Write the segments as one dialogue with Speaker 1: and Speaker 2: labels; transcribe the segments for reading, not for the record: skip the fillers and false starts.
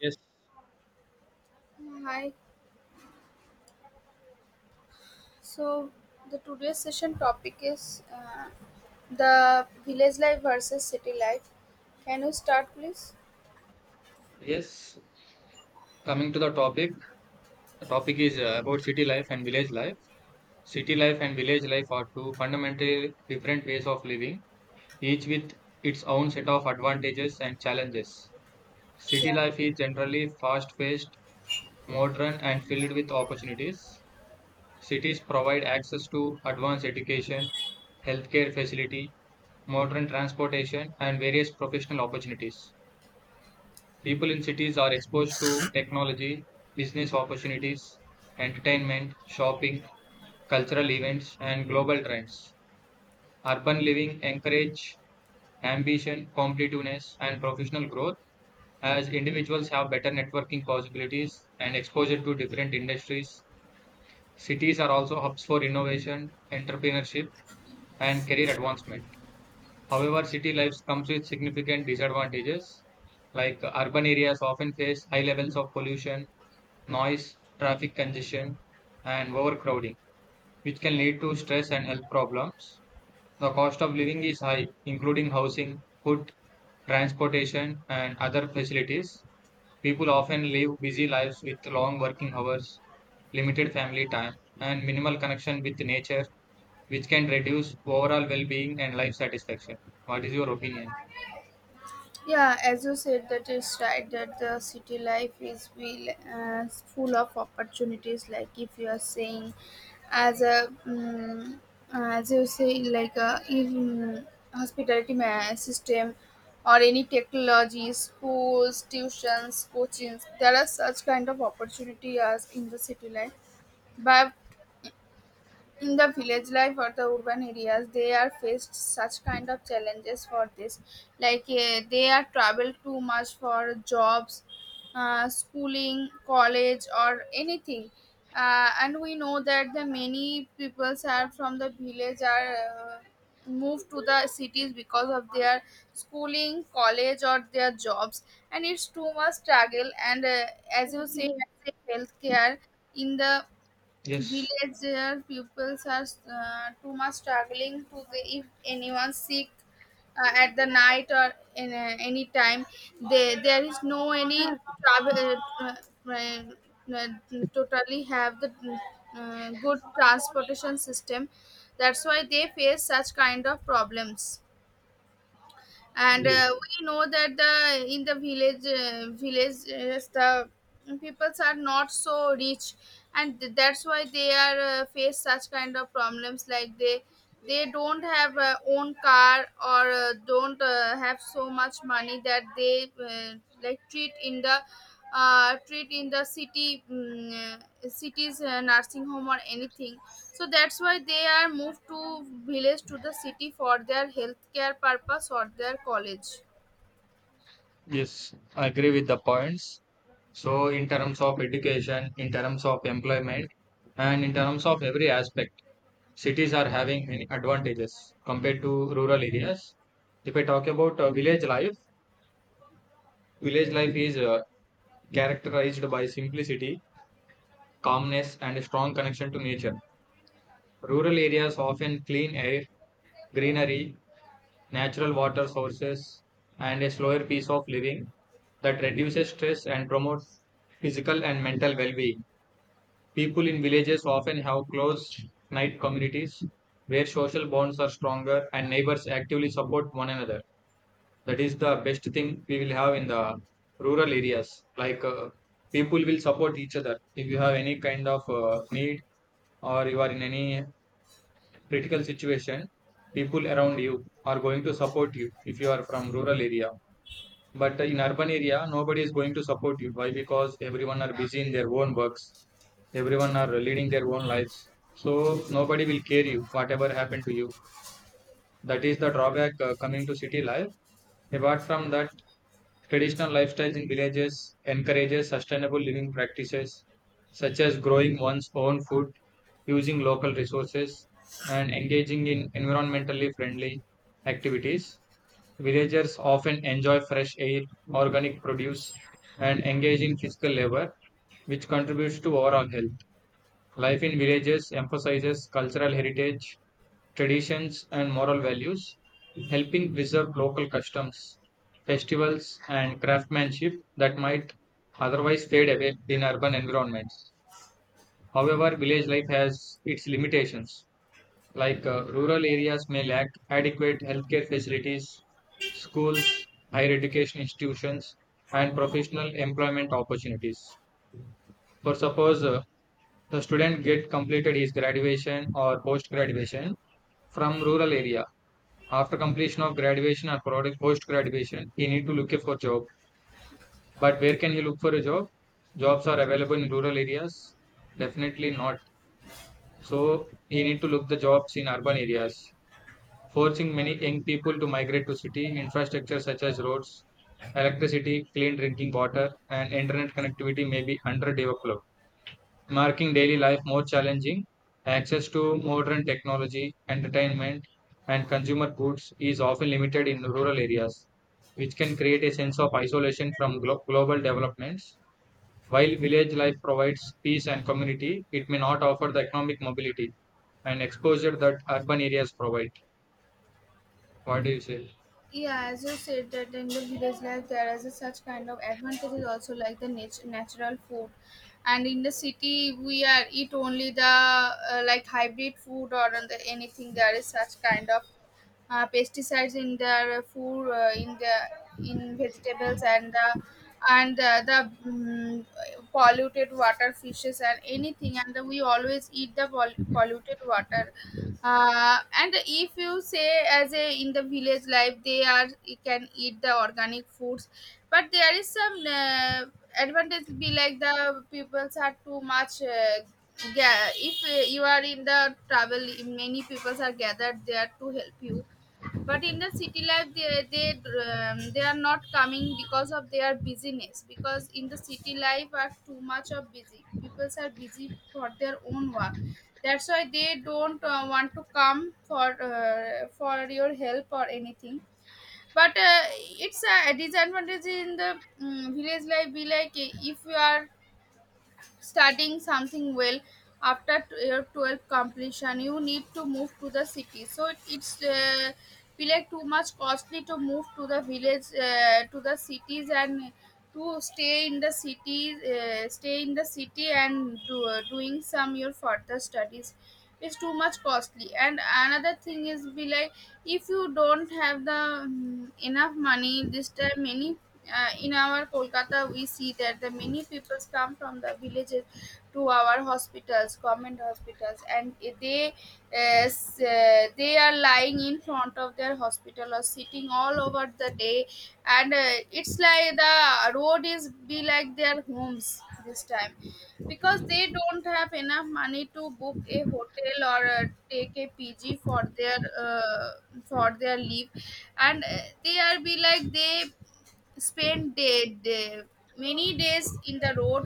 Speaker 1: Yes,
Speaker 2: Hi. So the today's session topic is the village life versus city life. Can you start, please?
Speaker 1: yes. Coming to the topic is about city life and village life. City life and village life are two fundamentally different ways of living, each with its own set of advantages and challenges. City
Speaker 2: Yeah.
Speaker 1: life is generally fast-paced, modern, and filled with opportunities. Cities provide access to advanced education, healthcare facility, modern transportation, and various professional opportunities. People in cities are exposed to technology, business opportunities, entertainment, shopping, cultural events, and global trends. Urban living encourage ambition, competitiveness, and professional growth as individuals have better networking possibilities and exposure to different industries. Cities are also hubs for innovation, entrepreneurship, and career advancement. However, city life comes with significant disadvantages, like urban areas often face high levels of pollution, noise, traffic congestion, and overcrowding, which can lead to stress and health problems. The cost of living is high, including housing, food, transportation, and other facilities. People often live busy lives with long working hours, limited family time, and minimal connection with nature, which can reduce overall well being and life satisfaction. What is your opinion?
Speaker 2: Yeah, as you said, that is right. That the city life is will full of opportunities. Like if you are saying, as a as you say, like a in system or any technology, schools, tuitions, coachings. There are such kind of opportunity as in the city life, but in the village life or the urban areas they are faced such kind of challenges for this like they are traveled too much for jobs, schooling college or anything, and we know that the many peoples are from the village are moved to the cities because of their schooling college or their jobs, and it's too much struggle and as you say healthcare in the
Speaker 1: Yes,
Speaker 2: village pupils are too much struggling if anyone sick at the night or in any time, they, there is no any travel uh, uh, totally have the good transportation system. That's why they face such kind of problems, and we know that the in the villages the peoples are not so rich, and that's why they are face such kind of problems like they don't have own car or don't have so much money that they, like treat in the, treat in the cities, nursing home or anything. So that's why they are moved to village to the city for their healthcare purpose or their college.
Speaker 1: yes, I agree with the points. So, in terms of education, in terms of employment, and in terms of every aspect, cities are having many advantages compared to rural areas. If I talk about village life is characterized by simplicity, calmness, and a strong connection to nature. Rural areas often clean air, greenery, natural water sources, and a slower pace of living that reduces stress and promotes physical and mental well being. People in villages often have closed knit communities where social bonds are stronger and neighbors actively support one another. That is the best thing we will have in the rural areas. Like people will support each other. If you have any kind of need or you are in any critical situation, people around you are going to support you if you are from rural area. But in urban area, nobody is going to support you. Why? Because everyone are busy in their own works, everyone are leading their own lives, so nobody will care you whatever happened to you. That is the drawback coming to city life. Apart from that, traditional lifestyles in villages encourages sustainable living practices such as growing one's own food, using local resources, and engaging in environmentally friendly activities. Villagers often enjoy fresh air, organic produce, and engage in physical labor, which contributes to overall health. Life in villages emphasizes cultural heritage, traditions, and moral values, helping preserve local customs, festivals, and craftsmanship that might otherwise fade away in urban environments. However, village life has its limitations, like rural areas may lack adequate healthcare facilities, schools, higher education institutions, and professional employment opportunities. For suppose the student get completed his graduation or post graduation from rural area. After completion of graduation or post graduation, he need to look for job. But where can he look for a job? Jobs are available in rural areas? Definitely not. So he need to look the jobs in urban areas, forcing many young people to migrate to city. Infrastructure such as roads, electricity, clean drinking water, and internet connectivity may be underdeveloped. Marking daily life more challenging. Access to modern technology, entertainment, and consumer goods is often limited in rural areas, which can create a sense of isolation from global developments. While village life provides peace and community, it may not offer the economic mobility and exposure that urban areas provide. What do you say?
Speaker 2: Yeah, as you said that in the village life there is a such kind of advantages also, like the natural food. And in the city we are eat only the, like hybrid food or on the anything. There is such kind of pesticides in their food, in the, in vegetables, and the, and polluted water, fishes, and anything. And we always eat the polluted water. And if you say as a in the village life they are you can eat the organic foods, but there is some advantage be like the peoples are too much, yeah if you are in the travel, many people are gathered there to help you. But in the city life they, they are not coming because of their busyness, because in the city life are too much of busy, people are busy for their own work. That's why they don't want to come for, for your help or anything. But it's a disadvantage in the, village life be like, if you are studying something well after your 12th completion you need to move to the city, so it's feel like too much costly to move to the village to the cities and to stay in the city, stay in the city and doing some your further studies is too much costly. And another thing is be like if you don't have the, enough money. This time many, in our Kolkata, we see that the many people come from the villages to our hospitals, government hospitals, and they are lying in front of their hospital or sitting all over the day, and it's like the road is be like their homes this time, because they don't have enough money to book a hotel or take a pg for their, for their leave. And they are be like they spent many days in the road,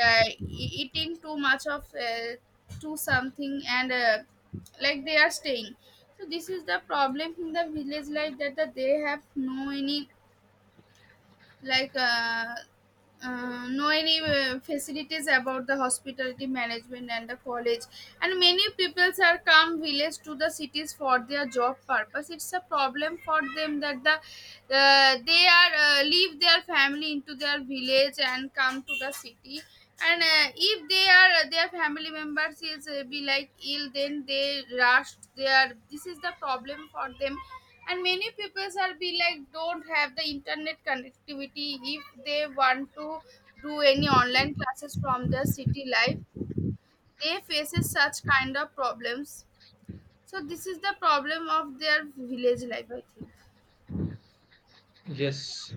Speaker 2: eating too much of too something, and like they are staying. So this is the problem in the village like that, that they have no any, like no any facilities about the hospitality management and the college. And many peoples are come village to the cities for their job purpose. It's a problem for them that they are leave their family into their village and come to the city. And if they are their family members is be like ill, then they rush their, this is the problem for them. And many peoples are be like don't have the internet connectivity. If they want to do any online classes from the city life, they faces such kind of problems. So this is the problem of their village life, I think.
Speaker 1: Yes.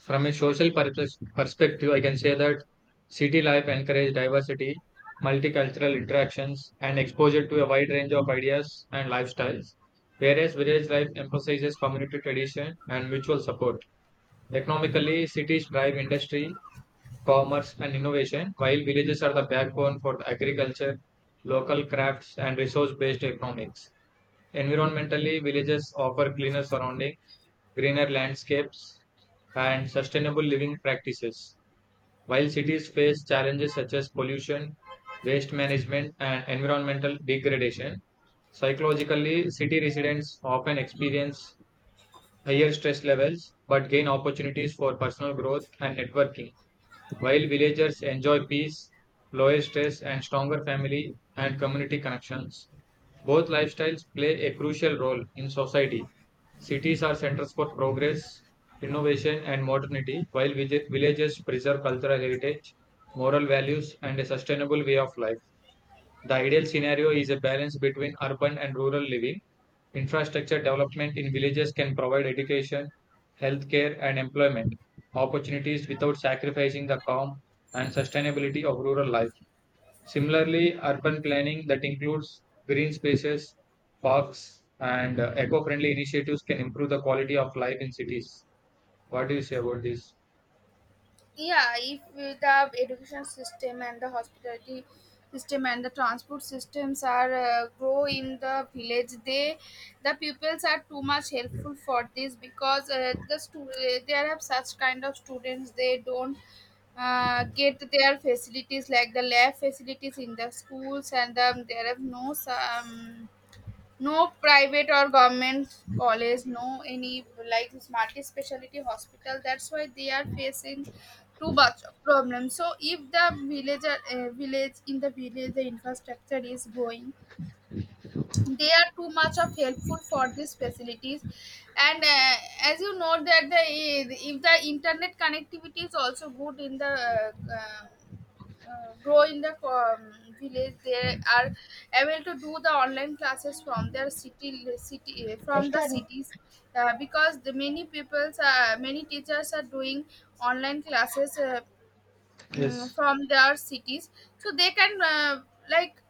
Speaker 1: From a perspective, I can say that city life encourages diversity, multicultural interactions, and exposure to a wide range of ideas and lifestyles, whereas village life emphasizes community tradition and mutual support. Economically, cities drive industry, commerce, and innovation, while villages are the backbone for the agriculture, local crafts, and resource based economics. Environmentally, villages offer cleaner surroundings, greener landscapes, and sustainable living practices. While cities face challenges such as pollution, waste management, and environmental degradation, psychologically, city residents often experience higher stress levels but gain opportunities for personal growth and networking, while villagers enjoy peace, lower stress, and stronger family and community connections. Both lifestyles play a crucial role in society. Cities are centers for progress, innovation, and modernity, while villages preserve cultural heritage, moral values, and a sustainable way of life. The ideal scenario is a balance between urban and rural living. Infrastructure development in villages can provide education, healthcare, and employment opportunities without sacrificing the calm and sustainability of rural life. Similarly, urban planning that includes green spaces, parks, and eco-friendly initiatives can improve the quality of life in cities. What do you say about this?
Speaker 2: Yeah, if the education system and the hospitality system and the transport systems are grow in the village, they the pupils are too much helpful for this, because there have such kind of students, they don't get their facilities like the lab facilities in the schools. And there are no no private or government college, no any like multi-speciality hospital. That's why they are facing too much of problem. So if the village the infrastructure is growing, they are too much of helpful for these facilities. And as you know that the if the internet connectivity is also good in the, grow in the, village, they are able to do the online classes from their city city from the cities, because the many peoples are many teachers are doing online classes,
Speaker 1: Yes,
Speaker 2: from their cities, so they can like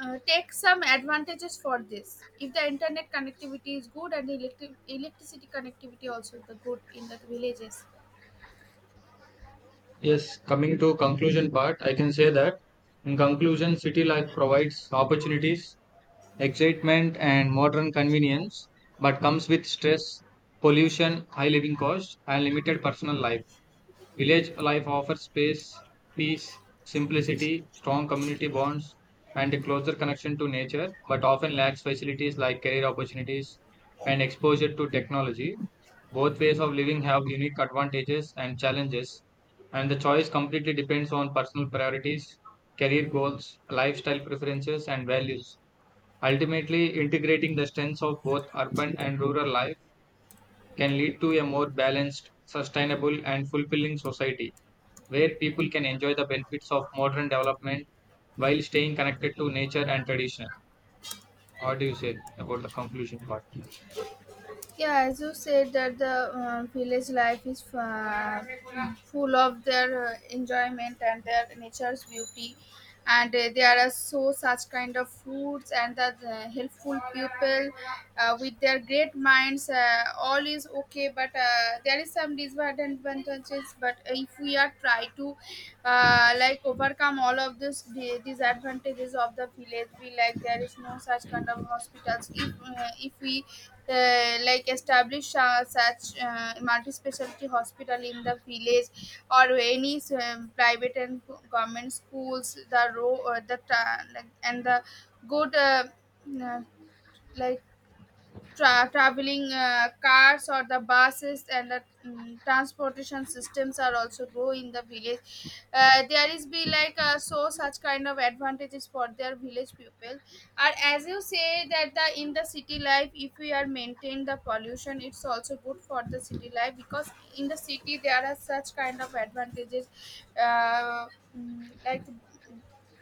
Speaker 2: take some advantages for this if the internet connectivity is good and the electricity connectivity also the good in the villages.
Speaker 1: yes. Coming to conclusion part, I can say that in conclusion, city life provides opportunities, excitement, and modern convenience, but comes with stress, pollution, high living costs, and limited personal life. Village life offers space, peace, simplicity, strong community bonds, and a closer connection to nature, but often lacks facilities like career opportunities and exposure to technology. Both ways of living have unique advantages and challenges, and the choice completely depends on personal priorities, career goals, lifestyle preferences, and values. Ultimately, integrating the strengths of both urban and rural life can lead to a more balanced, sustainable, and fulfilling society where people can enjoy the benefits of modern development while staying connected to nature and tradition. What do you say about the conclusion part?
Speaker 2: Yeah, as you said that the, village life is full of their enjoyment and their nature's beauty, and there are so such kind of foods and the helpful people with their great minds. All is okay, but there is some disadvantages. But if we are try to like overcome all of this disadvantages of the village, we like there is no such kind of hospitals. If we like establish such multi-specialty hospital in the village or any private and government schools the row the ta- like, and the good uh, like traveling cars or the buses and the, transportation systems are also go in the village, there is be like so such kind of advantages for their village people. And as you say that the in the city life if we are maintain the pollution, it's also good for the city life, because in the city there are such kind of advantages, uh, like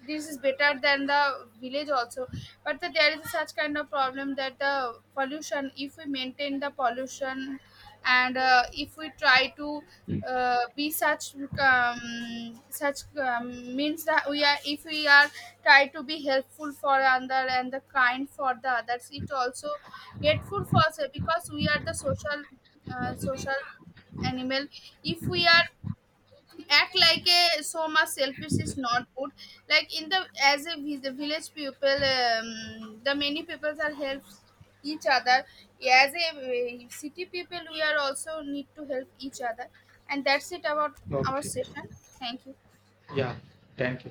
Speaker 2: this is better than the village also. But there is such kind of problem that the pollution, if we maintain the pollution, and if we try to be such such means that we are, if we are try to be helpful for other and the kind for the others, it also grateful for us, because we are the social social animal. If we are act like a so much selfish is not good, like in the as a the village people, the many peoples are help each other. As a city people we are also need to help each other, and that's it about our
Speaker 1: Okay.
Speaker 2: session. Thank you.
Speaker 1: Yeah. Thank you.